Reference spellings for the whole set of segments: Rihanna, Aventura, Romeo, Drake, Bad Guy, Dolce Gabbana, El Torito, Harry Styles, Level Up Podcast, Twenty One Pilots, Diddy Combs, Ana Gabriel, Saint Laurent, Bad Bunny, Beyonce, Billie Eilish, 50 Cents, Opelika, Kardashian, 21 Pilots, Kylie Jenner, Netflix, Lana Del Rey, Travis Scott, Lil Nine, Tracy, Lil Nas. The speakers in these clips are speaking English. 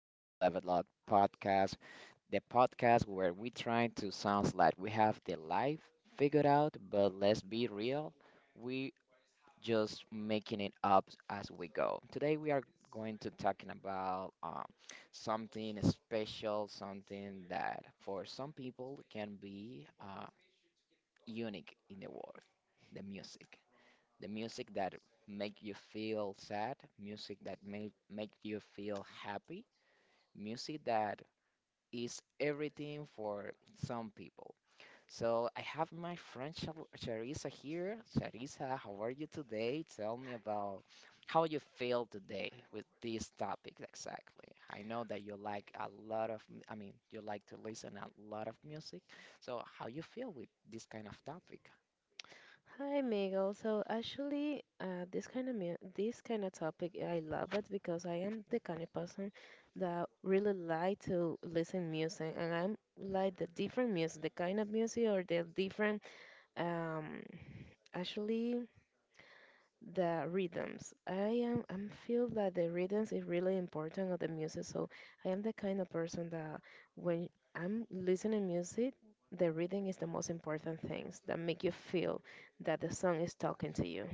to Level Up Podcast, the podcast where we try to sound like we have the life figured out, but let's be real, we just making it up as we go. Today we are going to talking about something special, something that for some people can be unique in the world, the music. The music that make you feel sad, music that make you feel happy, music that is everything for some people. So I have my friend Sharissa here. Sharissa, how are you today? Tell me about how you feel today with this topic exactly. I know that you like a lot of, I mean, you like to listen a lot of music. So how you feel with this kind of topic? Hi, Miguel. So actually, this kind of topic, I love it because I am the kind of person that really like to listen music, and I'm like the different music, the kind of music or the different um actually. The rhythms. I feel that the rhythms is really important of the music. So I am the kind of person that when I'm listening music, the rhythm is the most important things that make you feel that the song is talking to you.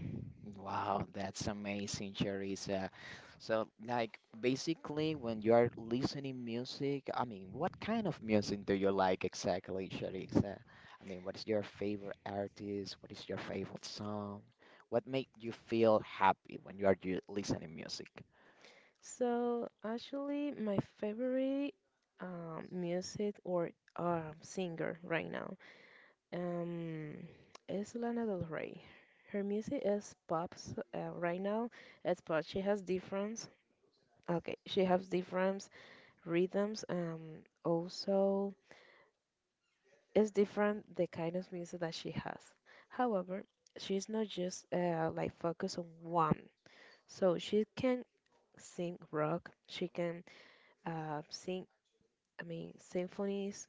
Wow, that's amazing, Charissa. So, like, basically, when you are listening music, I mean, what kind of music do you like exactly, Charissa? I mean, what is your favorite artist? What is your favorite song? What make you feel happy when you are listening music? So actually, my favorite music or singer right now, um, is Lana Del Rey. Her music is right now. It's pop. She has different. Okay, she has different rhythms. Also, it's different the kind of music that she has. However, she's not just like focused on one. So she can sing rock. She can sing, I mean, symphonies,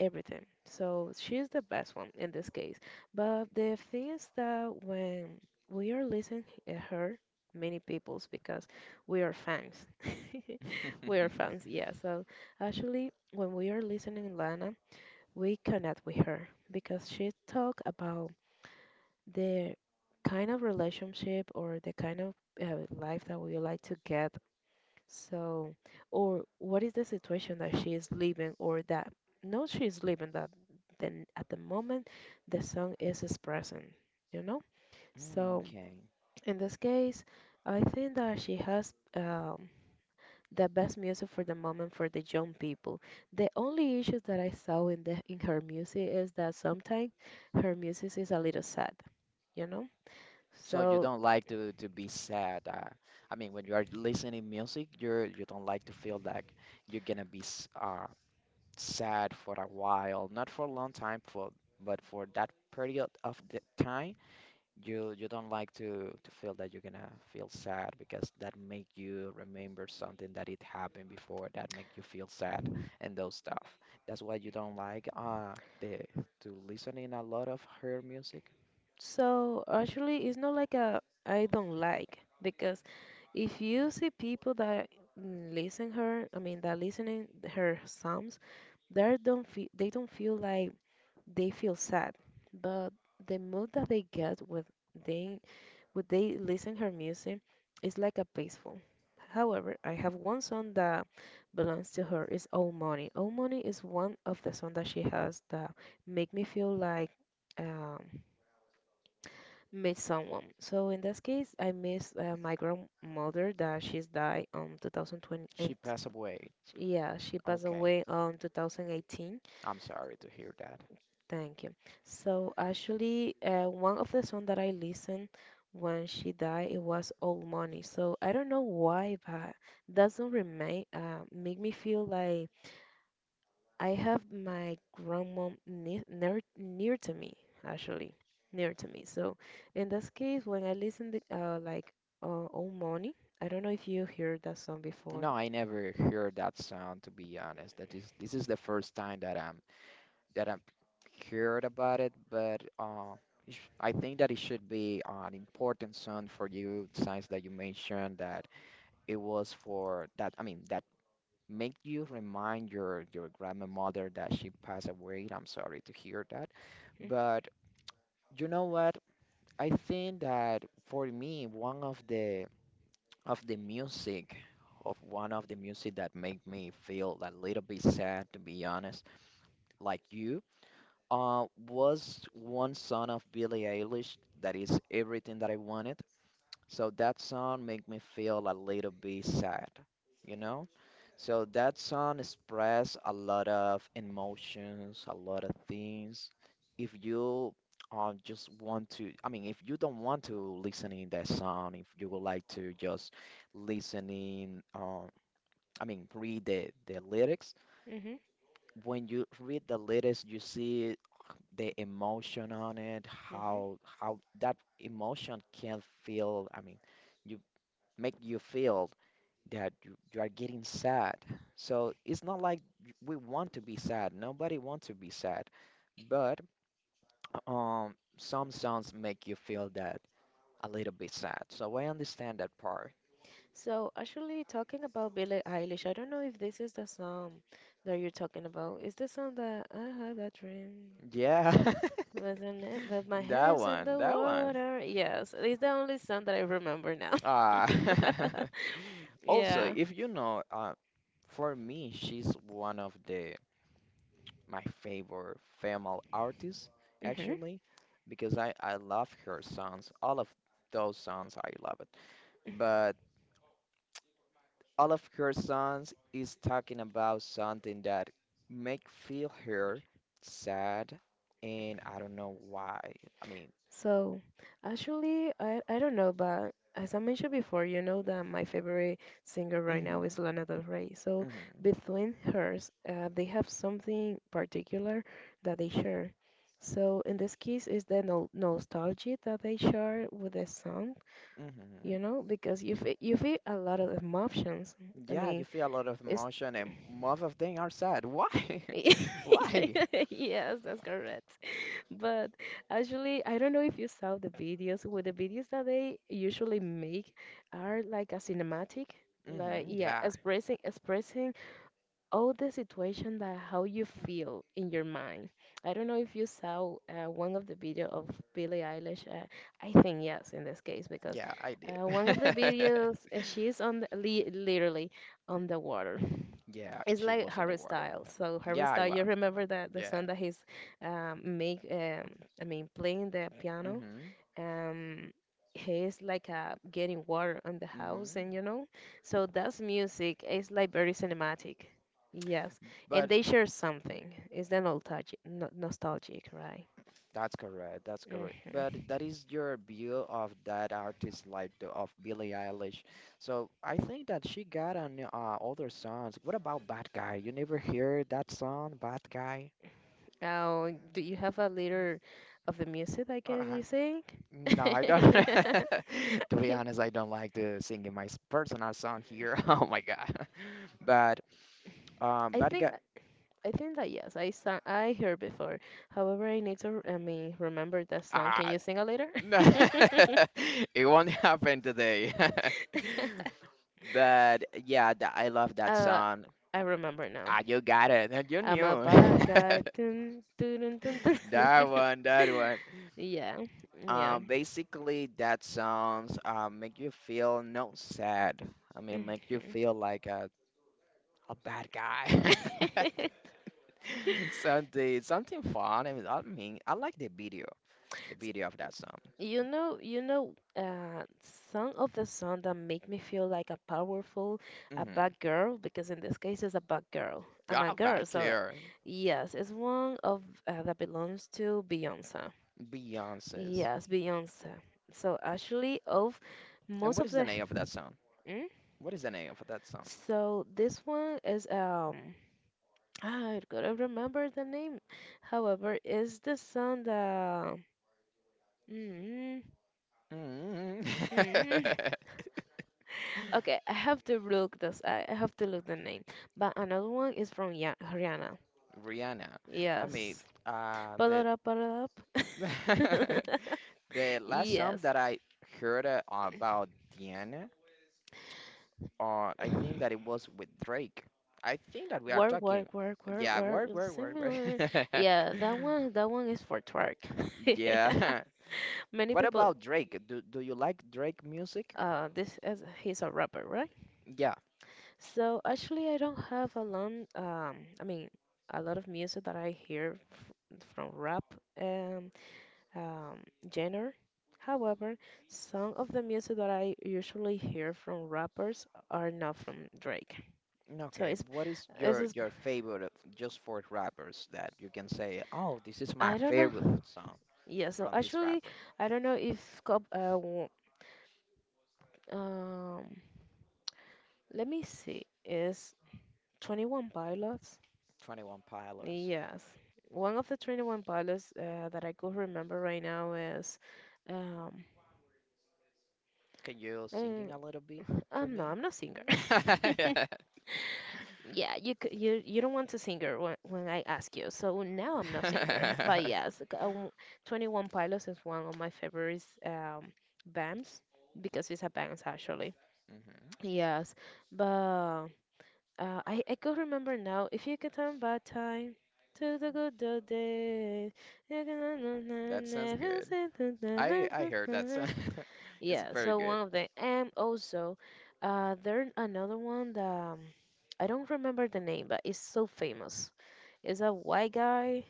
everything. So she's the best one in this case. But the thing is that when we are listening at her, many people's because we are fans. We are fans, yeah. So actually, when we are listening Lana, we connect with her because she talk about the kind of relationship or the kind of life that we would like to get so, or what is the situation that she is living or that no she is living that then at the moment the song is expressing, you know? So Okay. in this case, I think that she has the best music for the moment for the young people. The only issues that I saw in the in her music is that sometimes her music is a little sad, you know? So you So don't like to be sad. I mean, when you are listening music, you don't like to feel like you're gonna be sad for a while, not for a long time, for but for that period of the time, you don't like to feel that you're gonna feel sad because that make you remember something that it happened before that make you feel sad and those stuff. That's why you don't like the to listening a lot of her music. so actually it's not like a I don't like because if you see people that listen her I mean that listening her psalms, they don't feel like they feel sad, but the mood that they get they with they listen her music is like a peaceful. However, I have one song that belongs to her. Is Old Money. Old Money is one of the songs that she has that make me feel like, um miss someone. So in this case, I miss my grandmother that she's died on 2020, and She passed away. yeah, she passed Okay, away on 2018. I'm sorry to hear that. Thank you. So actually, one of the songs that I listened when she died, it was Old Money. So I don't know why, but doesn't remain make me feel like I have my grandma near to me, actually near to me. So in this case, when I listen to like "Oh Money," I don't know if you heard that song before. No, I never heard that sound to be honest. That is This is the first time that I've heard about it, but I think that it should be an important song for you, since that you mentioned that it was for that. I mean, that make you remind your grandmother that she passed away. I'm sorry to hear that, but you know what? I think that for me, one of the music. Of one of the music that make me feel a little bit sad, to be honest, like you, was one song of Billie Eilish that is everything that I wanted. So that song made me feel a little bit sad, you know? So that song expressed a lot of emotions, a lot of things. If you just want to, I mean, if you don't want to listen in that song, if you would like to just listen in, I mean, read the lyrics, Mm-hmm. when you read the lyrics, you see the emotion on it, Hmm. how that emotion can feel. I mean, you make you feel that you are getting sad. So it's not like we want to be sad. Nobody wants to be sad, but some songs make you feel that a little bit sad. So I understand that part. So actually, talking about Billie Eilish, I don't know if this is the song that you're talking about. Is the song that I have that dream? Yeah, Wasn't it? But my head that is on one, the that one. water. Yes, it's the only song that I remember now. Ah. Also, Yeah. if you know, for me, she's one of the my favorite female artist Mm-hmm. actually because I love her songs. All of those songs I love it. But all of her songs is talking about something that make feel her sad and I don't know why. I mean, So actually, I don't know, but as I mentioned before, you know that my favorite singer right now is mhm, Lana Del Rey. So, mhm, between hers, they have something particular that they share. So, in this case, is the no nostalgia that they share with the song, mhm. you know, because you feel a lot of emotions. I Yeah, you mean, feel a lot of it's emotion and most of them are sad. Why? Why? yes, that's correct. But actually, I don't know if you saw the videos. Well, the videos that they usually make are like a cinematic, like Mhm, yeah, yeah. Expressing all the situation that how you feel in your mind. I don't know if you saw one of the video of Billie Eilish. I think yes, in this case, because Yeah, I did. One of the videos she's on the, li literally on the water. Yeah, It's she like was in the Harry water. Styles. So Harry Yeah, I Styles, you was. remember that the Yeah. song that he's, um, make, um, I mean, playing the piano. Mm-hmm. Um, he's like getting water on the house, Mm-hmm. and you know, so that's music. It's like very cinematic. Yes, and But they share something. It's the nostalgic, no nostalgic, right? that's correct. That's correct. But Mm-hmm. that is your view of that artist, like of Billie Eilish. So I think that she got on other songs. What about Bad Guy? You never hear that song, Bad Guy? Oh, do you have a little of the music that can Uh, you sing? no, I don't. To be honest, I don't like to sing in my personal song here. Oh my God. But I Bad think Guy. I think that yes, I sang, I heard before. However, I need to, I mean, remember that song. Can Ah, you sing it later? no. It won't happen today. But yeah, I love that Uh, song. I remember now. You got it. You I'm a knew. bad guy. Dun, dun, dun, dun, dun, dun. That one, that one. Yeah, yeah. Basically, that songs make you feel not sad. I mean, make you Mhm. feel like a bad guy. Something, something fun. I mean, I like the video of that song. You know, some of the song that make me feel like a powerful, a Mm-hmm. bad girl, because in this case it's a bad girl. I'm a girl, Bad so care. yes, it's one of that belongs to Beyonce. Beyonce's. Yes, Beyonce. So actually, of And most what of is the the, name of that song? mm? What is the name of that song? So this one is, I gotta remember the name. However, is the song that. Mm, Mm. mm. Okay, I have to look this. I have to look the name. But another one is from Ya Rihanna. Rihanna. I mean, Yes. Pull the it up, pull it up. the last song Yes. that I heard about Diana, I think that it was with Drake. I think that we are Work, talking. work, work, work, Yeah, work, work, with work, work, Similar. work. Yeah, that one. That one is for twerk. Yeah. Many What people. about Drake? Do you like Drake music? This is he's a rapper, right? Yeah. So actually, I don't have a long. I mean, a lot of music that I hear from rap. Um, um, genre. However, some of the music that I usually hear from rappers are not from Drake. So Okay. What is it's your just- your favorite just for rappers that you can say, "Oh, this is my I don't favorite know. song Yeah, so from this actually, rapper, I don't know if cop um let me see is 21 Pilots. 21 Pilots." Yes. One of the 21 Pilots that I could remember right now is um Can you uh, singing a little bit for I'm no, me? I'm not singer. hmm Yeah, you you don't want to singer when I ask you. So now I'm not singer, but yes, 21 Pilots is one of my favorites bands because it's a band actually. Yes, but I could remember now. If you could turn back time to the good old days, you That can sounds good. never I heard that say sound. It's yeah, very so good. one of them, and also, there another one that I don't remember the name, but it's so famous. It's a white guy.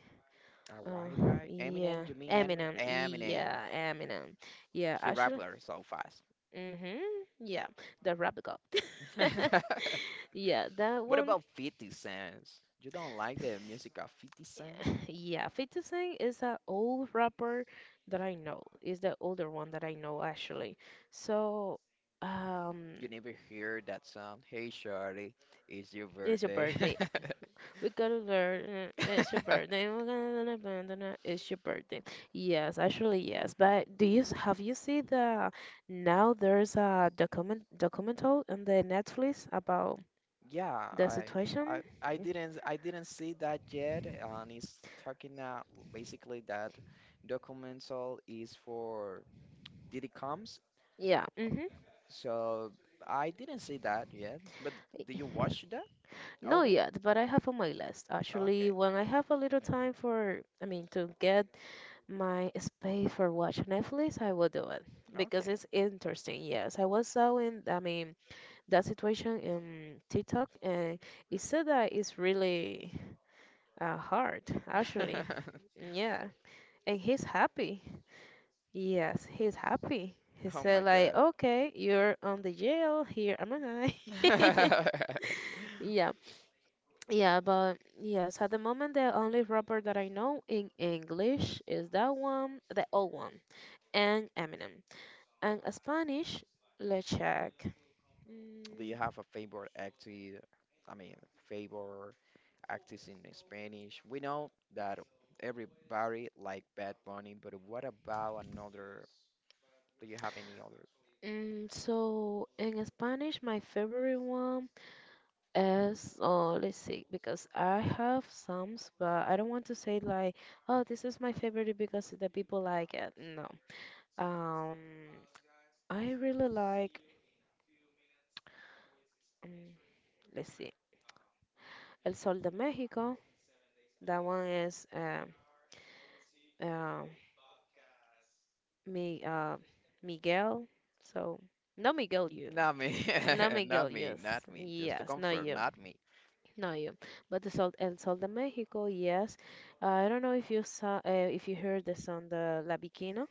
A Uh, white guy, yeah, Eminem, you mean Eminem? Eminem. Eminem. Yeah, Eminem. Yeah, He actually. rapper so fast. Mhm. Yeah, the rap god. Yeah, that What one. about 50 Cents? You don't like the music of 50 Cents? Yeah, 50 Cent is an old rapper that I know. Is the older one that I know actually. So, um, You never hear that song, Hey Shorty, it's your it's your birthday. birthday. We gotta learn. It's your birthday. We're gonna abandon it. It's your birthday. Yes, actually yes. But have you seen the now there's a documental on the Netflix about Yeah, the situation? I didn't see that yet, and it's talking basically that documental is for Diddy Combs, Yeah. Mm-hmm. so I didn't see that yet. But do you watch that Not already? yet, but I have on my list. Actually, Okay, when I have a little time for, I mean, to get my space for watch Netflix, I will do it because it's interesting. Yes, I was so in, I mean, that situation in TikTok, and he said that it's really hard, okay. actually. Yeah, and he's happy. Yes, he's happy. He Oh my said like, God. okay, you're on the jail. Here am I. Yeah, yeah, but yes, at the moment the only rapper that I know in English is that one, the old one, and Eminem. And Spanish, let's check. Do you Mm, have a favorite actor? I mean, favorite actors in Spanish? We know that everybody like Bad Bunny, but what about another do you have any others? mm, so in Spanish, my favorite one, as oh, let's see, because I have some, but I don't want to say like, oh, this is my favorite because the people like it. No. Um, I really like. Um, let's see, El Sol de México. That one is, uh, Mi, uh, Miguel. So no Miguel, you. Not me. No Miguel, Not me. yes, Not me. Just to yes, no confirm, you, not me. no you. But the Sol, El Sol de México, yes. I don't know if you saw, if you heard the song, the La Bikina.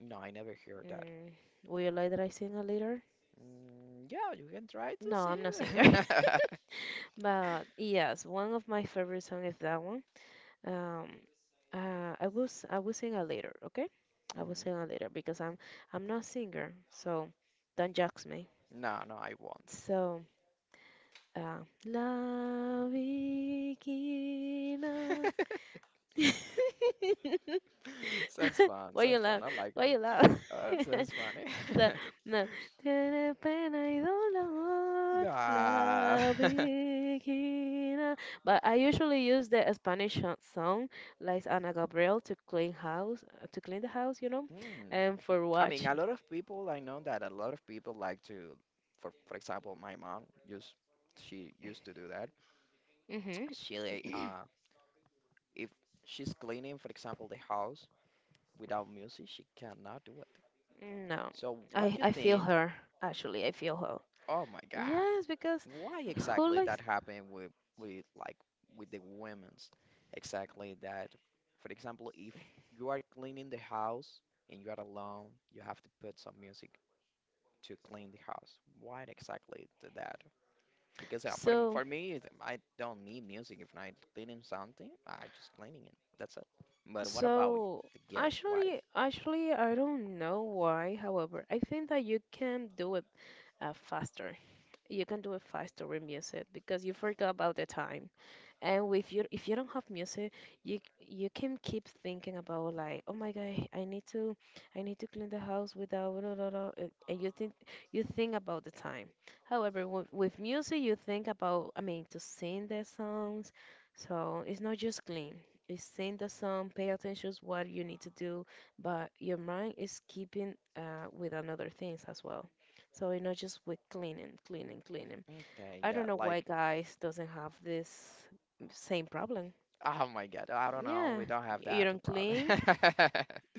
No, I never heard that. Mm, would you like that I sing a later? Yeah, you can try to No, see. I'm not singer. But yes, one of my favorite songs is that one. Um, I will sing a later, okay? I will hmm sing a later because I'm not singer, so don't judge me. No, no, I won't. So, uh, La Bikina. Sounds fun. Why you Sounds fun. laugh? I like Why it. you laugh? Oh, it sounds funny. Sea, no. Tiene pena y dolor Nah. la virgina. But I usually use the Spanish song, like Ana Gabriel, to clean house, to clean the house, you know, Hmm. and for I mean, watch. a lot of people, I know that a lot of people like to, for example, she used to do that. Mhm. She, like, if she's cleaning, for example, the house, without music, she cannot do it. No, So what you I feel think? her. Actually, I feel her. Oh my God, Yes, because why who exactly that likes happened with like with the women's? Exactly that. For example, if you are cleaning the house and you are alone, you have to put some music to clean the house. Why exactly that? Because for so for me, I don't need music. If I'm cleaning something, I just cleaning it. That's it. But what about so the girls? Why? actually I don't know why. However, I think that you can do it faster. You can do a five-story music because you forgot about the time. And with you if you don't have music, you can keep thinking about like, oh my God, I need to clean the house without blah, blah, blah," and you think about the time. However, with music, you think about to sing the songs, so it's not just clean. It's sing the song, pay attention to what you need to do, but your mind is keeping with another things as well. So it's not just with cleaning, cleaning. Okay, I yeah, don't know why like. guys doesn't have this same problem. Oh my God, I don't know. Yeah. We don't have You that don't problem. clean?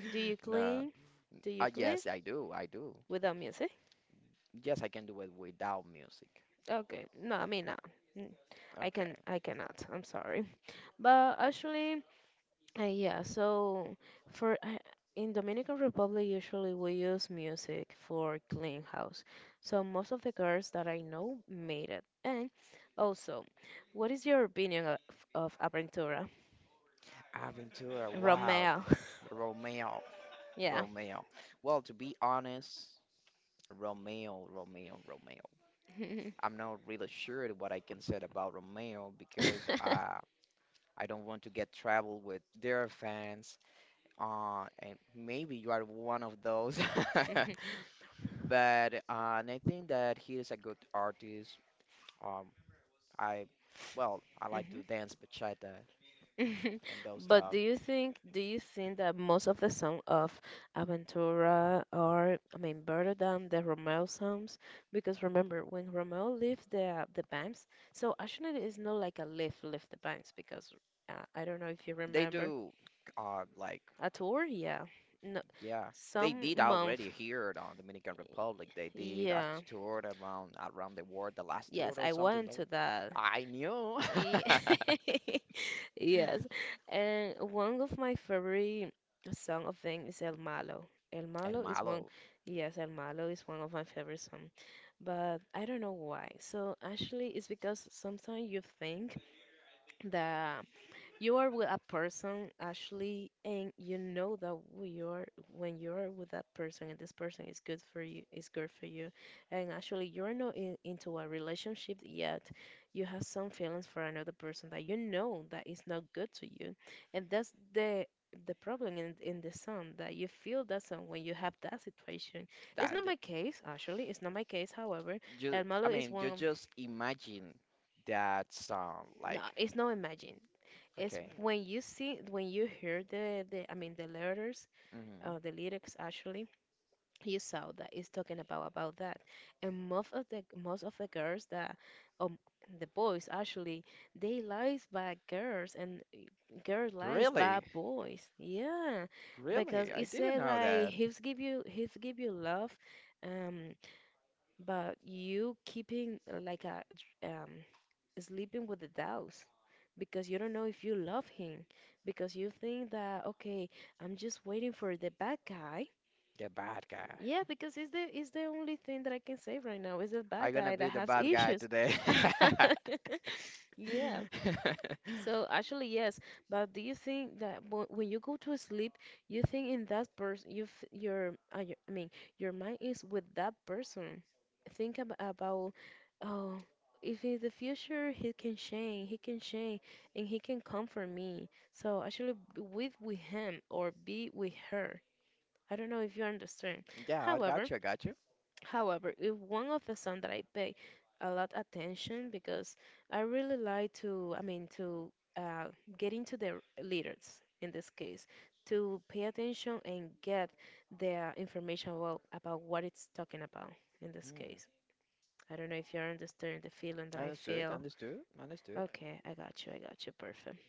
Do you No. clean? Do you clean Yes, I do. I do. without music? Yes, I can do it without music. Okay. No, I mean no. Mm, I Okay. can I cannot. I'm sorry. But actually, yeah, so for in Dominican Republic usually we use music for clean house. So most of the girls that I know made it. And also, what is your opinion of Aventura? Aventura, wow. Romeo. Romeo, Yeah. Romeo. Well, to be honest, Romeo, Romeo, Romeo. I'm not really sure what I can say about Romeo because I don't want to get trouble with their fans. And maybe you are one of those. Mhm, But and I think that he is a good artist. Um, I well, I like mhm, to dance bachata mhm. and those But stuff. Do you think that most of the songs of Aventura are better than the Romeo songs? Because remember when Romeo left the bands, so actually it's not like a leave left the bands because I don't know if you They remember do like a tour, yeah, no, Yeah, they some did month, already here on Dominican Republic. They did a yeah, tour around the world, the last tour yes, or I something went though. to that. I knew. Ye- Yes. And one of my favorite song of them is El Malo. El El Malo is one, Malo. yes, El Malo is one of my favorite song. But I don't know why. So actually, it's because sometimes you think that you are with a person, Ashley, and you know that we are when you are with that person, and this person is good for you, and actually you're not in, into a relationship yet. You have some feelings for another person that you know that is not good to you, and that's the problem in the sun that you feel that sun when you have that situation. It's That not my case, actually. It's not my case. However, you, El I Malo is mean, one you of just imagine that sound no. like It's not imagine. It's okay. when you see when you hear the the letters Hmm. The lyrics actually you saw that it's talking about that and most of the girls that um the boys actually they lies by girls and girls lies by Really? boys, yeah, because Really? I it didn't said know like that. He's give you love, um but you keeping like a sleeping with the doubts because you don't know if you love him because you think that okay, I'm just waiting for the bad guy. The bad guy. Yeah, because it's the only thing that I can say right now is the bad I'm gonna guy be that the has bad guy issues. today. Yeah, so actually, yes, but do you think that when you go to sleep, you think in that person, you f your, your mind is with that person. Think ab about, oh, if in the future he can change, and he can comfort me. So actually, with him or be with her. I don't know if you understand. Yeah, I However, got you. I got you. However, if one of the songs that I pay a lot attention because I really like to, to get into the lyrics in this case, to pay attention and get the information about what it's talking about in this Mm. case. I don't know if you understand the feeling that I Understood. feel. Understood. Understood. Okay, I got you, perfect.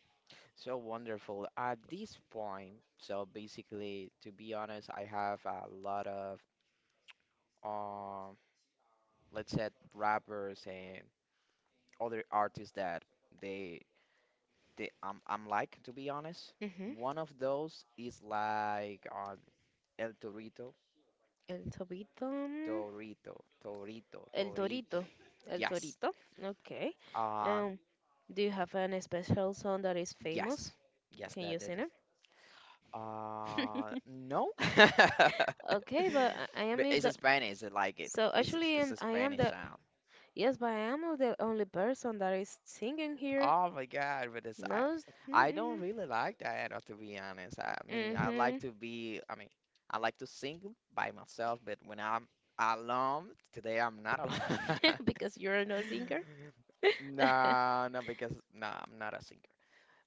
So wonderful. At this point, so basically, to be honest, I have a lot of, um, let's say rappers and other artists that they they I'm like to be honest. hmm One of those is like on El Torito. El Tobito, mm, Torito, Torito, El Torito. Torito, El Yes. Torito, okay. Uh, um, Do you have any special song that is yes. famous? Yes, Can that you that is. sing it? No. Okay, but I am But it it's a the Spanish. I like it. so It's a, actually it's a I am Spanish the sound. yes, but I am the only person that is singing here. Oh my God, but it's I, No, I don't mm-mm, really like that, to be honest. I mean, I like mm-hmm. to be. I mean, I like to sing by myself, but when I'm alone, today I'm not alone. Because you're no singer. No, no, because no, I'm not a singer.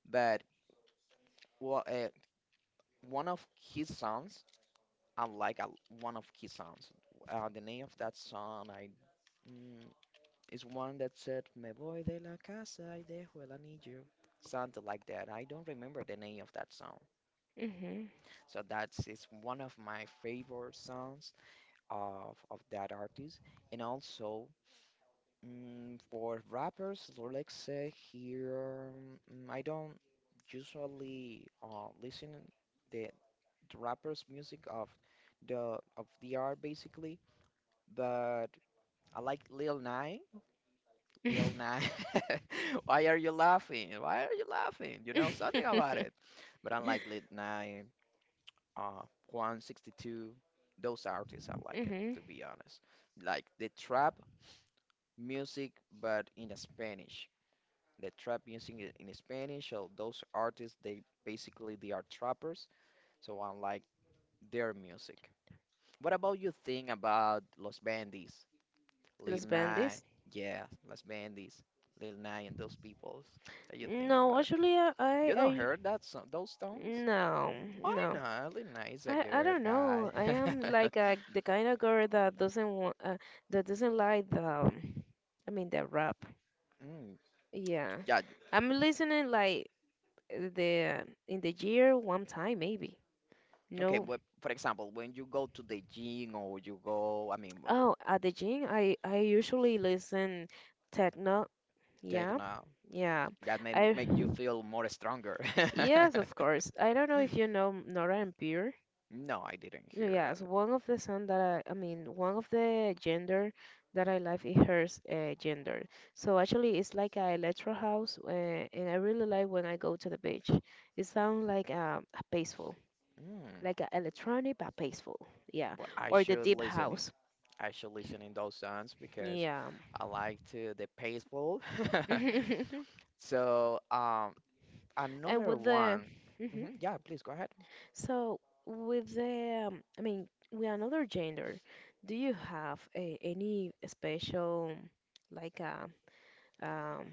But well, one of his songs. I like one of his songs. The name of that song mm, is one that said "Me voy de la casa y dejo el anillo," something like that. I don't remember the name of that song. mm hmm So that's is one of my favorite songs of that artist. And also for rappers, let's say here, I don't usually listen the the rappers music of the art basically, but I like Lil Nine. Lil Nine. Why are you laughing? Why are you laughing? You know something hmm about it. But I like Lil Nine, 162. Those artists I like it to be honest. Like the trap music, but in Spanish. The trap music in Spanish. So those artists, they basically they are trappers. So I like their music. What about you think about Los Bandits, Lil Los Nas, Bandits. yeah, Los Bandits, Lil Nas, and those peoples? What you think No, about it? actually, You don't I- heard that song, those songs? no, Why no. not? Lil Nas is a I good don't guy. know. I am like a, the kind of girl that doesn't want, that doesn't like the, the rap. Mm, Yeah, yeah. you- I'm listening like the in the year one time maybe. Okay. No. Well, for example, when you go to the gym or you go, I mean, well, Oh, at the gym, I usually listen techno. take Yeah, now, yeah. that may I, make you feel more stronger. yes, of course. I don't know if you know Nora and No, I didn't yeah, hear yes, that. one of the son that one of the gender that I like is hers gender. So actually, it's like a electro house, and I really like when I go to the beach. It sounds like a peaceful, Mm. like a electronic but peaceful. Yeah, But I or the should deep listening. house. I should listen in those songs because Yeah, I like to the peaceful. and So another with the, one. hmm Mhm, yeah, please go ahead. so with the, with another gender, do you have a, any special like a um,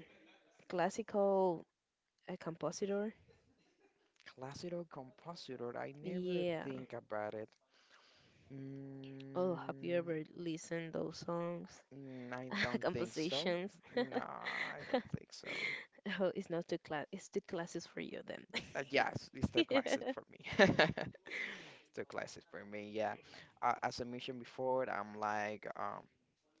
classical compositor. Classical compositor. I never Yeah. think about it. Oh, have you Mm, ever listened those songs, mm, I don't think so. compositions? No, I don't think so. Oh, it's not too class. It's too classes for you then. Yes, it's the classic Yeah. for me. It's the classic for me. Yeah. As I mentioned before, I'm like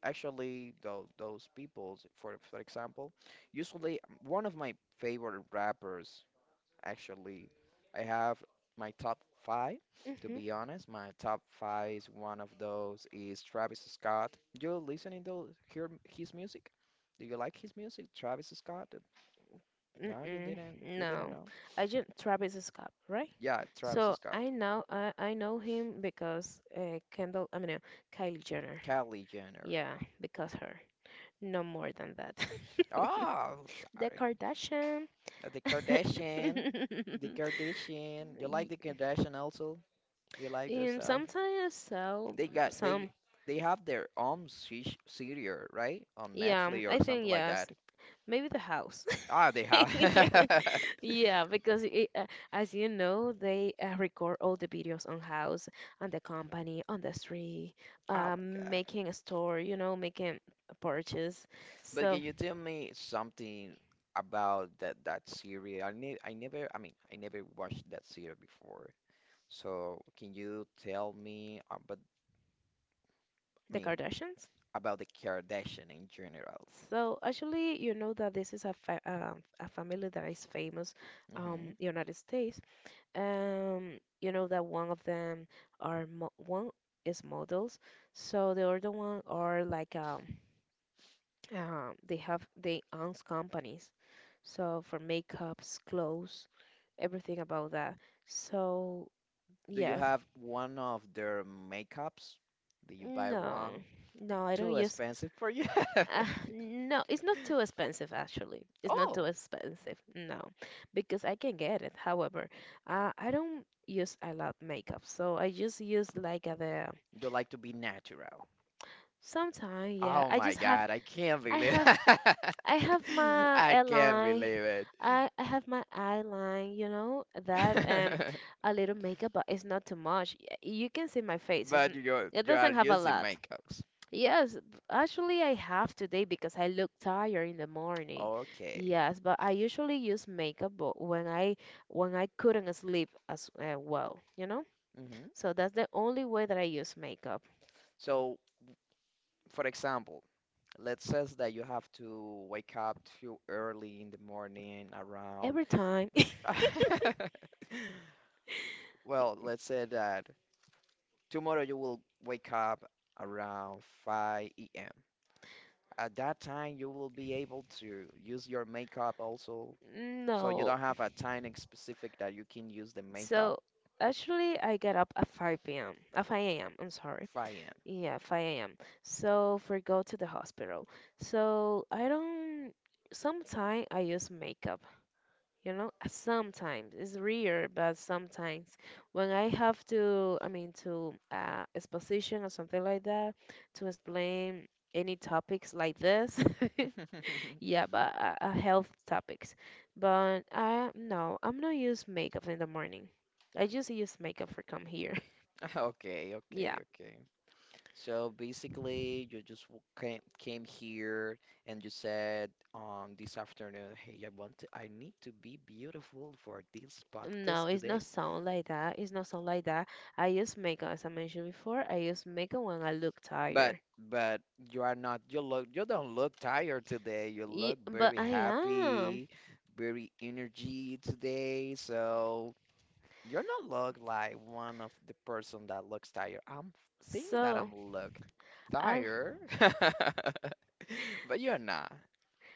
actually those people, for example, usually one of my favorite rappers, actually, I have my top five, to Mm-hmm. be honest. My top five is one of those is Travis Scott. You listening to hear his music? Do you like his music, Travis Scott? No, you Mm-mm. didn't. You didn't No, know? I just Travis Scott, right? Yeah, Travis So I Scott. know I know him because Kendall. Kylie Jenner. Kylie Jenner. Yeah, because her. No more than that. Oh, The sorry. Kardashian. The Kardashian. The Kardashian. You like Y- the Kardashian also? They like that stuff. sometimes so, They got some. they have their own serial, right? On Yeah, Netflix or I think something like that. yes. Maybe the house. Ah, they have. Yeah, because it, as you know, they record all the videos on house, on the company, on the street, Oh my God. making a store, you know, making a purchase. But So can you tell me something about that series? I never, I mean, I never watched that series before. So can you tell me about, I the mean, Kardashians? about the Kardashian in general? So actually, you know that this is a fa a family that is famous Mm-hmm. United States. You know that one of them are mo one is models, so the other one are like they have they own companies, so for makeups, clothes, everything about that. So Do you yes, have one of their makeups? Do you buy no, one? no, I don't Too use. expensive for you? Uh, no, it's not too expensive actually. It's not too Oh, expensive. No, because I can get it. However, I don't use a lot makeup, so I just use like the you like to be natural. sometimes. Yeah, Oh I my just have God, I can't I believe have I have my I can't airline. believe it. I have my eyeline, you know, that a little makeup, but it's not too much. Y- You can see my face. It's, But you it you are doesn't have a using lot. makeups. Yes, actually, I have today because I look tired in the morning. Okay. Yes, but I usually use makeup when I couldn't sleep as well, you know? hmm So that's the only way that I use makeup. So, for example, let's say that you have to wake up too early in the morning around Every time. Well, let's say that tomorrow you will wake up around 5 a.m. At that time, you will be able to use your makeup also. So you No. don't have a time specific that you can use the makeup So actually, I get up at 5 p.m. At 5 a.m. I'm sorry. 5 Yeah, 5 a.m. So for go to the hospital. So I don't. Sometimes I use makeup, you know. Sometimes it's rare, but sometimes when I have to, to exposition or something like that, to explain any topics like this. a.m. Yeah, but health topics. But I no, I'm not use makeup in the morning. I just use makeup for come here. Okay, Yeah. okay, okay. So basically, you just came here and you said this afternoon, hey, I want to, I need to be beautiful for this No, podcast it's today. not sound like that. It's not sound like that. I use makeup, as I mentioned before. I use makeup when I look But tired. but you are not you look you don't look tired today. You Ye- look but very I am. happy, very energy today. So you're not look like one of the person that looks tired. I'm think that So, I'm look I, tired. But you're not.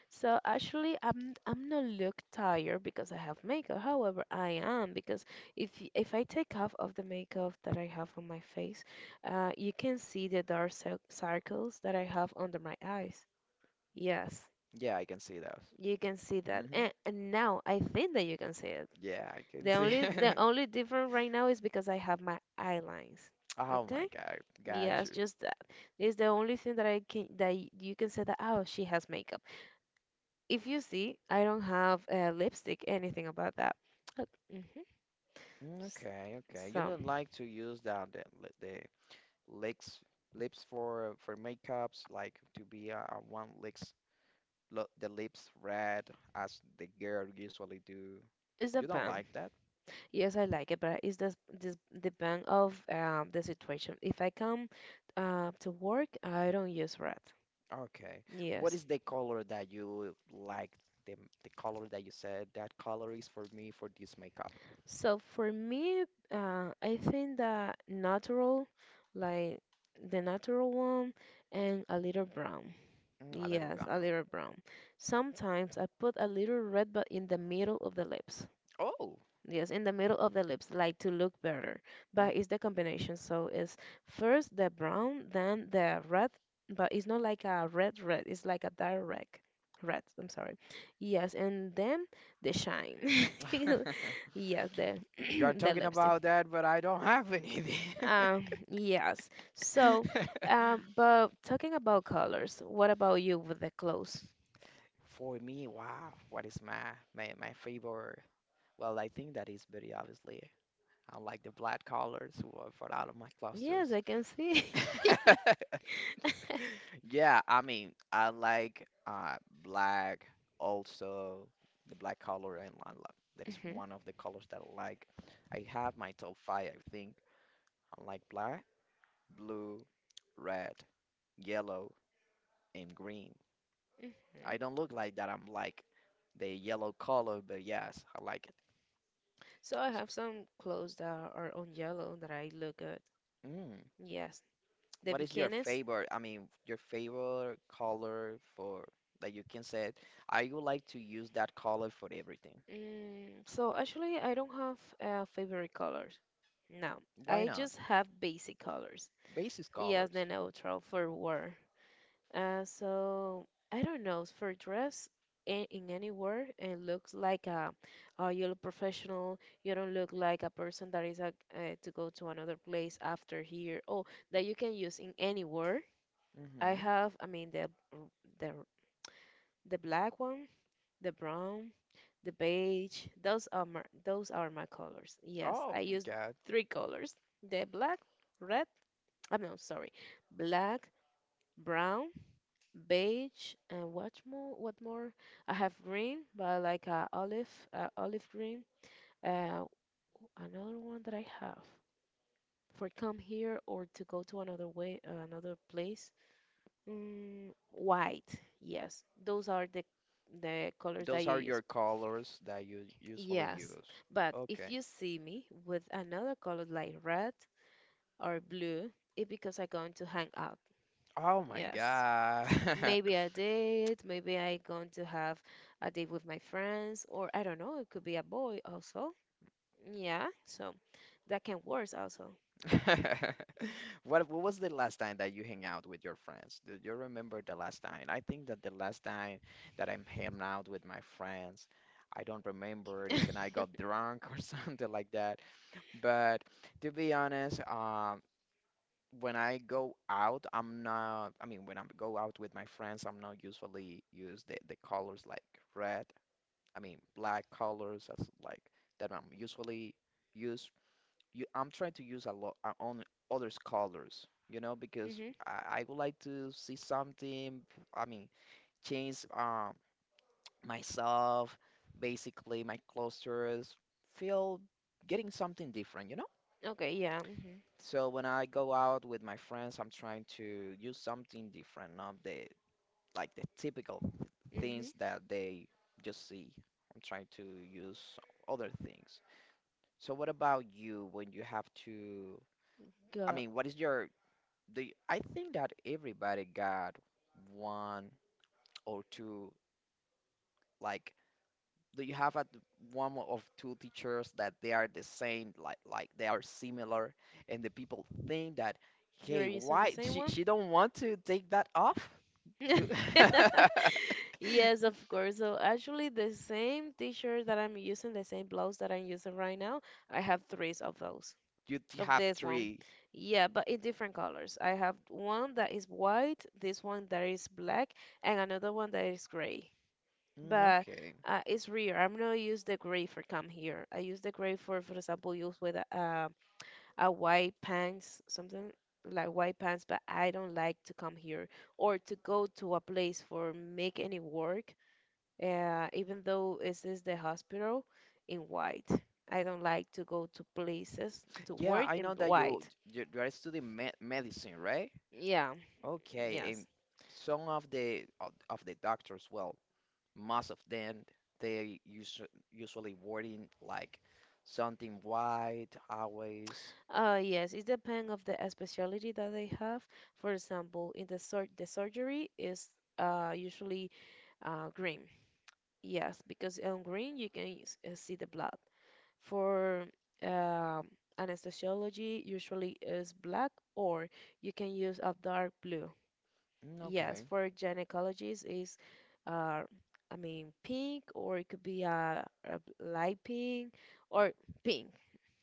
so actually, I'm not look tired because I have makeup. However, I am because if if I take off of the makeup that I have on my face, you can see the dark circles that I have under my eyes. Yes, Yeah, I can see that. you can see that, Hmm and, now I think that you can see it. Yeah, I can see. The only difference right now is because I have my eyelines. Oh my Okay? God, got Yes, you. just that. It's the only thing that I can that you can say that oh, she has makeup. If you see, I don't have lipstick, anything about that. hmm Mm, S- okay, okay. You So don't like to use that the the lips lips for makeups, like to be a one lips the lips red as the girl usually do. it's a You don't bang. like that? Yes, I like it, but it's this the bang of the situation. If I come to work, I don't use red. Okay. What Yes. is the color that you like? The the color that you said that color is for me for this makeup. So for me, I think that natural, like the natural one, and a little brown. Mm, a little Yes, a brown. little brown. Sometimes I put a little red, but in the middle of the lips. Oh. Yes, in the middle of the lips, like to look better. But mm. it's the combination. So it's first the brown, then the red, but it's not like a red red, it's like a dark red. Red, I'm sorry. Yes, and then the shine. Yes, the You're the talking lipstick. about that, but I don't have anything. Yes. So, but talking about colors, what about you with the clothes? For me, wow, what is my my my favorite? Well, I think that is very obviously. I like the black colors who are for all of my Yes, clusters. I can see. Yeah, I mean, I like black also the black color and I lo- that is one of the colors that I like. I have my top five, I think. I like black, blue, red, yellow, and green. I Mhm. don't look like that. I'm like the yellow color, but yes, I like it. So I have some clothes that are on yellow that I look good. S- Yes, the What is your bikinis. favorite, I mean, your favorite color for that you can say, I would like to use that color for everything. Mm, so actually, I don't have favorite colors. No, Why I not? just have basic colors. Basis Yes, the colors. neutral for wear. So I don't know for dress in, any wear it looks like a, you look professional. You don't look like a person that is to go to another place after here. Oh, that you can use in anywhere. I Hmm have, the r- the black one, the brown, the beige. Those are my colors. Yes, Oh I my use God. three colors: the black, red. I'm no, sorry, black, brown, beige, and what more? What more? I have green, but like olive, olive green. Uh, another one that I have for come here or to go to another way, another place. Mm, white, yes. Those are the colors that Those you are your use. colors that you usually Yes, use. but if Okay. you see me with another color like red or blue, it's because I'm going to hang out. Oh my Yes. God. Maybe a date, maybe I'm going to have a date with my friends, or I don't know, it could be a boy also. Yeah, so that can work also. What was the last time that you hang out with your friends? Do you remember the last time? I think that the last time that I'm hanging out with my friends, I don't remember it, even I got drunk or something like that. But to be honest, when I go out, I'm not, I mean, when I go out with my friends, I'm not usually use the colors like red, I mean, black colors, that's like that I'm usually use you I'm trying to use a lot on others colors, you know, because Mm-hmm. I would like to see something, I mean, change myself, basically my clusters, feel getting something different, you know? Okay, yeah. Mm-hmm. So when I go out with my friends, I'm trying to use something different, not the like the typical Mm-hmm. things that they just see. I'm trying to use other things. So what about you when you have to I Go. mean, what is your the I think that everybody got one or two like do you have at the- one of two teachers that they are the same like they are similar and the people think that You are hey using the why same she one? she don't want to take that off you Yes, of course. So actually, the same t-shirt that I'm using, the same blouse that I'm using right now, I have three of those, you t- of have this one. three Yeah, but in different colors. I have one that is white, this one that is black, and another one that is gray. Mm, But okay it's rare. I'm not use the gray for come here. I use the gray for example, use with a white pants, something like white pants, but I don't like to come here or to go to a place for make any work, even though this is the hospital in white. I don't like to go to places to yeah work I in know that white. You're studying me medicine right Yeah. Okay, and Yes. some of the of the doctors, well, most of them, they usu usually wording like something white, always. Yes, it depends of the specialty that they have. For example, in the sur the surgery is usually green. Yes, because on green you can see the blood. For um anesthesiology, usually is black, or you can use a dark blue. Mm, Yes, okay, for gynecologists is, uh, I mean, pink, or it could be a light pink or pink.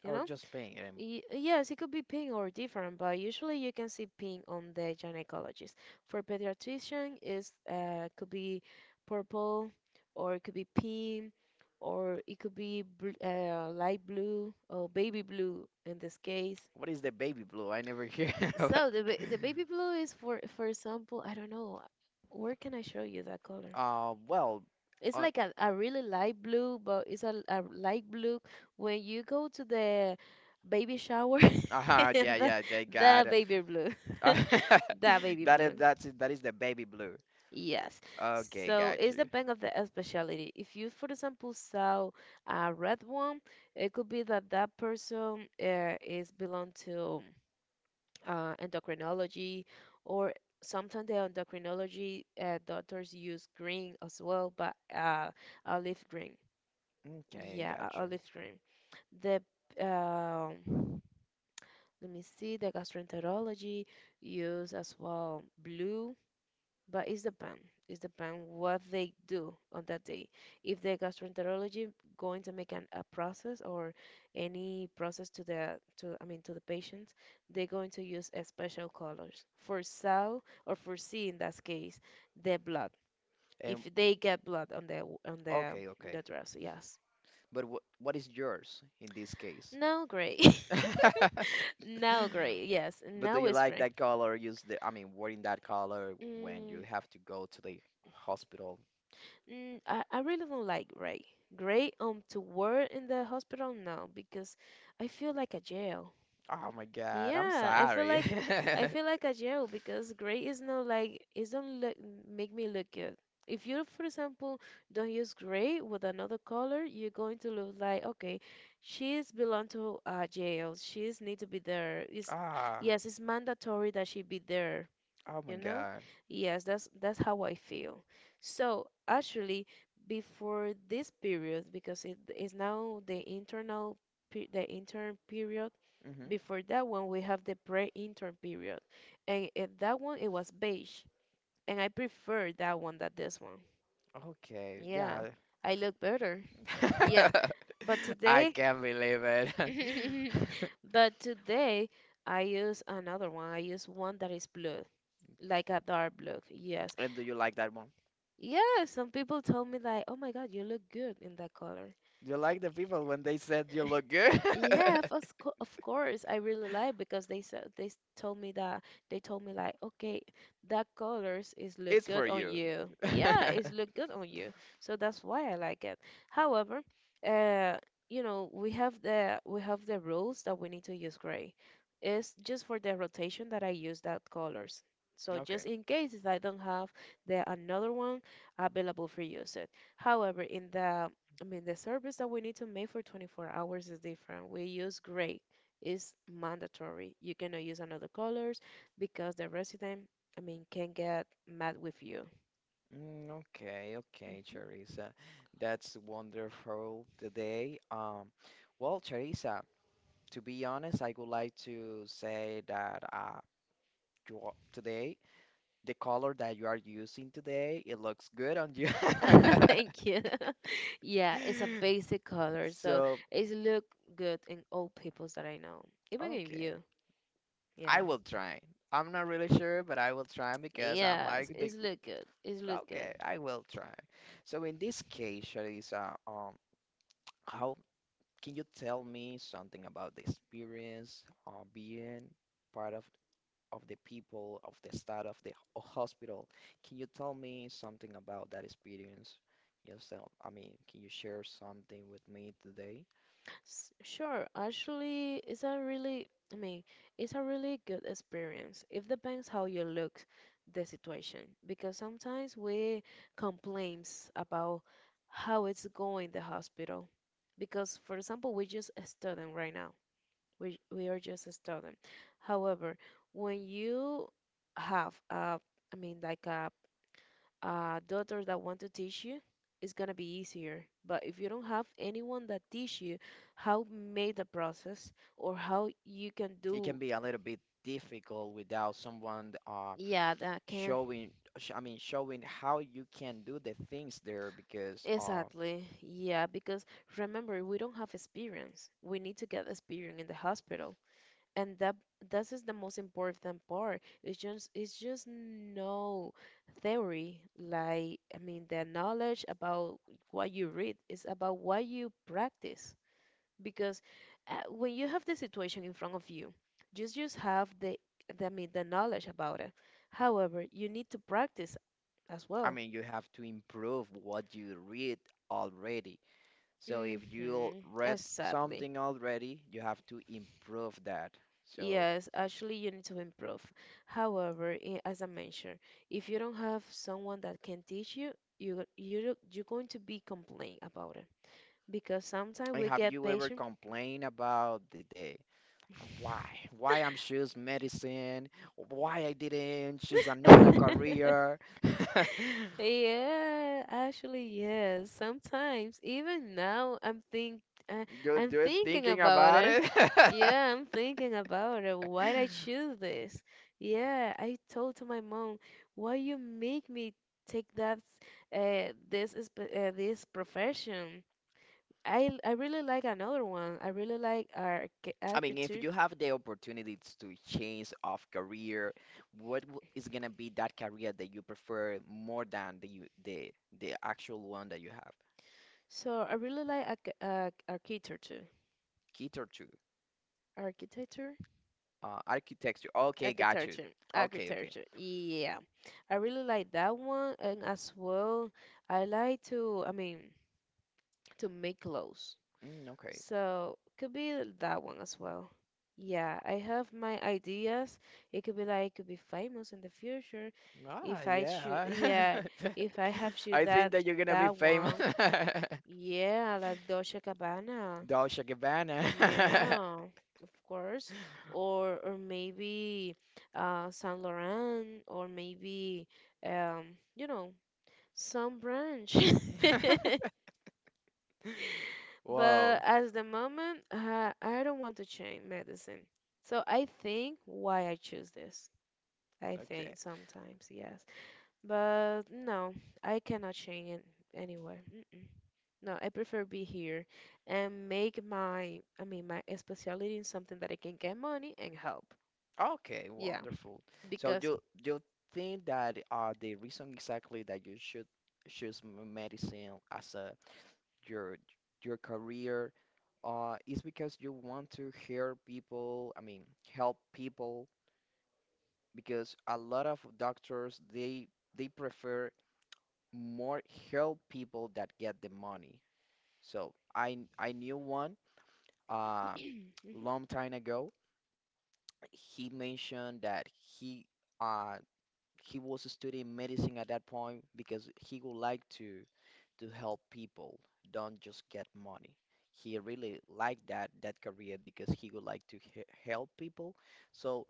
You or know. just pain. Yes, it could be pink or different, but usually you can see pink on the gynecologist. For pediatrician, is could be purple, or it could be pink, or it could be bl light blue or baby blue in this case. What is the baby blue? I never hear about. So the ba the baby blue is for example, I don't know, where can I show you that color? Well, It's uh, like a really light blue, but it's a light blue. When you go to the baby shower, Uh-huh, yeah, the, yeah, they the got it. baby blue, the baby that is blue. that is the baby blue. Yes. Okay, So got it's you. depend of the specialty. If you, for example, saw a red one, it could be that that person is belong to endocrinology, or sometimes the endocrinology doctors use green as well, but olive green. Okay, Yeah, got you. olive green. The um let me see, the gastroenterology use as well blue but it's depend. It's depend what they do on that day. If the gastroenterology going to make an, a process or any process to the to I mean to the patients, they're going to use a special colors for saw or for C in that case the blood. If And they get blood on the okay, in okay. the dress, yes. But what is yours in this case? Now gray. Now gray. Yes. But do Now you it's like gray. that color? Use the I mean, wearing that color when you Mm, have to go to the hospital mm, I really don't like gray. Gray to wear in the hospital now because I feel like a jail. Oh my God, I'm Yeah, sorry. I feel like a jail because gray is not like it don't look make me look good. If you, for example, don't use gray with another color, you're going to look like okay, she's belong to a jail. She's need to be there. Is Ah, yes, it's mandatory that she be there oh my you know. God. Yes, that's how I feel. So actually before this period because it is now the internal the intern period, Hmm before that one we have the pre-intern period, and at that one it was beige, and I prefer that one than this one. Okay, Yeah, yeah. I look better. Yeah, but I today can't believe it. but today I use another one. I use one that is blue like a dark blue, yes. And do you like that one? Yeah, some people told me like, "Oh my God, you look good in that color." Do you like the people when they said you look good? Yeah, of of course, I really like because they said they told me that, they told me like, okay, that colors is look It's for good on you. you. Yeah, it's look good on you. So that's why I like it. However, uh, you know, we have the rules that we need to use gray. It's just for the rotation that I use that colors. So just Okay. in case if I don't have the another one available for use it. However, in the I mean, the service that we need to make for 24 hours is different. We use gray. It's mandatory. You cannot use another colors because the resident, I mean, can get mad with you. Mm, okay, okay, Mhm. Charissa. That's wonderful today. Well, Charissa, to be honest, I would like to say that you, are- today the color that you are using today, it looks good on you. Thank you. Yeah, it's a basic color, so So, it's look good in all peoples that I know, even in okay, you. I Yeah. will try. I'm not really sure, but I will try because I'm Yes, like the it's look good. It's look good. okay, I will try. So in this case, Charissa, how Can you tell me something about the experience of being part of the people of the staff of the hospital? Can you tell me something about that experience yourself? I mean, can you share something with me today? Sure, actually, it's a really, I mean, it's a really good experience. It depends how you look the situation because sometimes we complains about how it's going the hospital because, for example, we just a student right now. We are just a student. However, when you have a, I mean, like a daughter that want to teach you, it's gonna be easier. But if you don't have anyone that teach you how made the process or how you can It can do, be a little bit difficult without someone yeah, that can. showing I mean showing how you can do the things there because Exactly. Yeah, because remember, we don't have experience. We need to get experience in the hospital and that this is the most important part. It's just no theory, like I mean the knowledge about what you read is about what you practice, because when you have the situation in front of you just have the I mean the knowledge about it. However, you need to practice as I well. mean you have to improve what you read already. So if you Mm-hmm. read Exactly. something already, you have to improve that. So, Yes, actually, you need to improve. However, as I mentioned, if you don't have someone that can teach you, you're going to be complaining about it because sometimes and we have get you ever patient. complained about the day? Why? Why I'm choose medicine? Why I didn't choose another career? Yeah, actually, yes. Sometimes, even now, I'm think I, You, I'm you're thinking thinking about about it. it? Yeah, I'm thinking about it. Why'd I choose this? Yeah, I told to my mom, why you make me take that this is this profession? I really like another one. I really like I mean, if architecture. you have the opportunities to change of career, what is gonna be that career that you prefer more than the the the actual one that you have? So I really like architecture. Guitar too. Architecture? Architecture. Okay, got you. Architecture, Okay, okay. architecture. Yeah, I really like that one, and as well, I like to, I mean, to make clothes. Mm, okay. So could be that one as well. Yeah, I have my ideas. It could be like, could be famous in the future Ah, if I should. yeah. Yeah, if I have shoot I think that that you're gonna be that famous. one. Yeah, like Dolce Gabbana. Dolce Gabbana. Yeah, of course. Or maybe Saint Laurent or maybe you know some branch. Wow. But as the moment I don't want to change medicine. So I think why I choose this. I Okay. think sometimes, yes. But no, I cannot change it anywhere. Mm-mm. No, I prefer be here and make my, I mean, my specialty in something that I can get money and help. Okay, Yeah, wonderful. So because do you think that the reason exactly that you should choose medicine as a your your career is because you want to hear people, I mean, help people because a lot of doctors they prefer more help people that get the money. So I knew one uh, long time ago. He mentioned that he uh, he was studying medicine at that point because he would like to help people, don't just get money. He really liked that that career because he would like to he help people. So,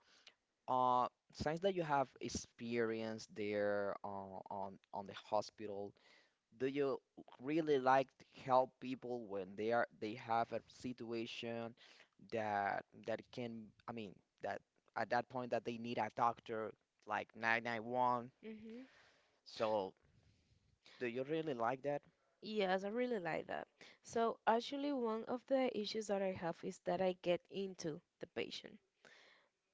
uh, since that you have experience there on the hospital, do you really like to help people when they are they have a situation? That that can I mean that at that point that they need a doctor like 991. mhm. So do you really like that? Yes, I really like that. So actually, one of the issues that I have is that I get into the patient.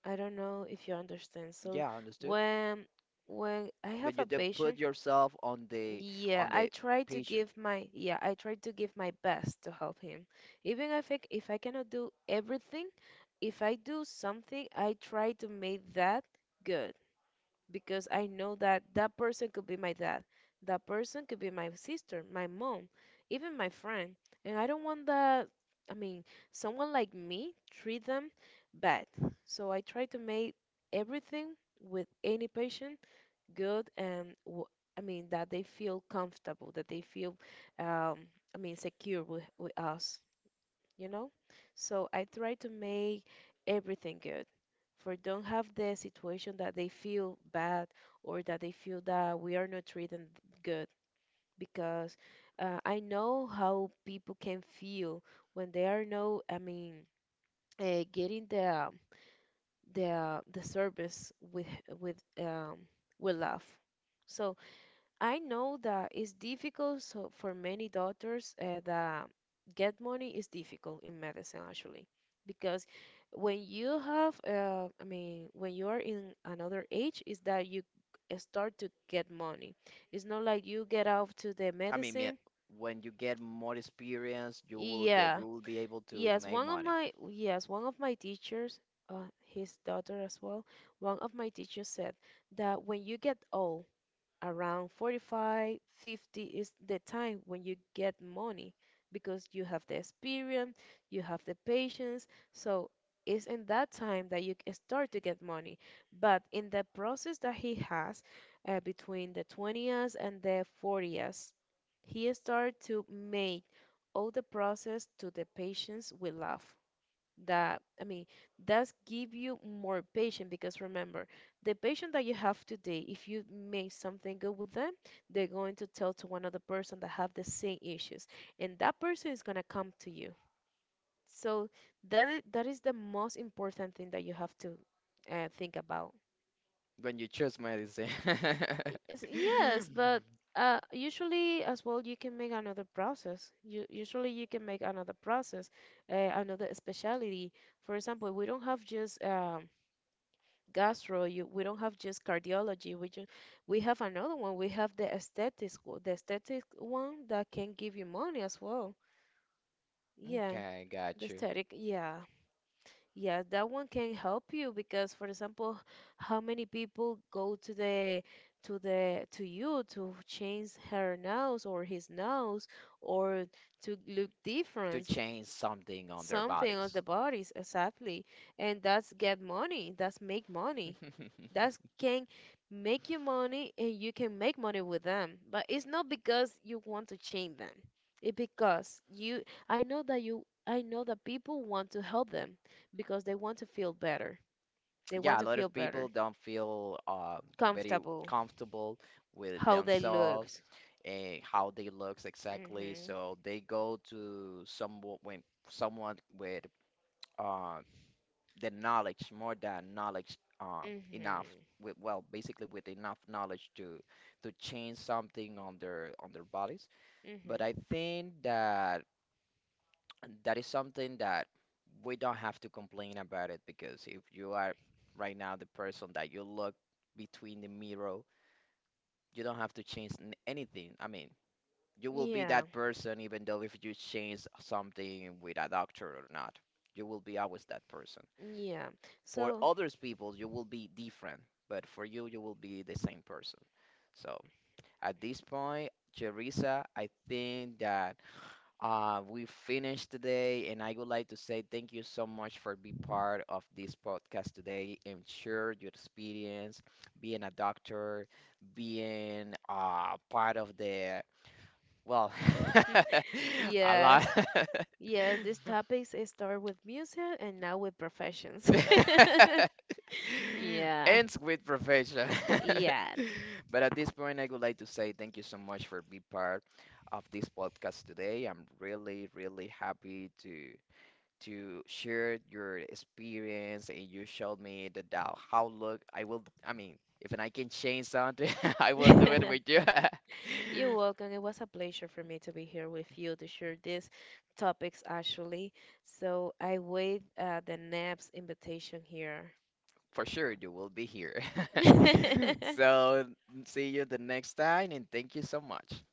I don't know if you understand. So Yeah, understood. when when I But have you a did put patient, yourself yeah, on I the try to patient. give my yeah, I try to give my best to help him. Even if I cannot do everything, if I do something, I try to make that good. Because I know that that person could be my dad, that person could be my sister, my mom, even my friend. And I don't want that, I mean, someone like me treat them bad. So I try to make everything with any patient good and I mean that they feel comfortable, that they feel um, I mean secure with us you know? So I try to make everything good for don't have the situation that they feel bad or that they feel that we are not treating good because I know how people can feel when they are no, I mean, getting the service with um with love. So I know that it's difficult so for many doctors that get money is difficult in medicine actually because when you have I mean when you are in another age is that you start to get money. It's not like you get out to the I mean, me- medicine. when you get more experience, Yeah. you will be able to Yes, make one of money. my yes, one of my teachers, his daughter as well, one of my teachers said that when you get old around 45, 50 is the time when you get money because you have the experience, you have the patience. So it's in that time that you start to get money. But in the process that he has between the 20s and the 40s, he start to make all the process to the patients we love that I mean does give you more patience because remember the patient that you have today if you make something good with them they're going to tell to one other person that have the same issues and that person is going to come to you so that is the most important thing that you have to think about. When you choose medicine. Yes, yes, but usually as well you can make another process. You usually you can make another process, another specialty. For example, we don't have just we don't have just cardiology, we have another one. We have the aesthetics the aesthetic one that can give you money as well. Yeah, Okay, the got you. aesthetic, yeah, yeah, that one can help you because for example how many people go to the to the to you to change her nose or his nose or to look To different, change something on their something of the bodies. bodies exactly, and that's get money, that's make money, that can make you money and you can make money with them. But it's not because you want to change them. It's because you I know that people want to help them because they want to feel better. They want Yeah, a to lot feel of people better, don't feel very comfortable, comfortable with how they look. themselves and how they looks exactly. Mhm. So they go to someone when someone with uh, the knowledge more than knowledge enough Mhm. with well basically with enough knowledge to change something on their bodies but Mhm. I think that that is something that we don't have to complain about it because if you are right now the person that you look between the mirror you don't have to change anything I mean you will be Yeah. that person even though if you change something with a doctor or not you will be always that person Yeah. For So, others people, you will be different, but for you, you will be the same person. So at this point, Jerisa, I think that we finished today, and I would like to say thank you so much for being part of this podcast today and share your experience being a doctor, being part of the well, a yes. lot. Yes, these topics it start with music and now with professions. Yeah. Ends with profession. Yes. but at this point, I would like to say thank you so much for being part of this podcast today. I'm really, really happy to share your experience, and you showed me the doubt how look I will. I mean, if I can change something, I will do it with you. You're welcome. It was a pleasure for me to be here with you to share these topics actually. So I wait the next invitation here. For sure, you will be here. So, see you the next time, and thank you so much.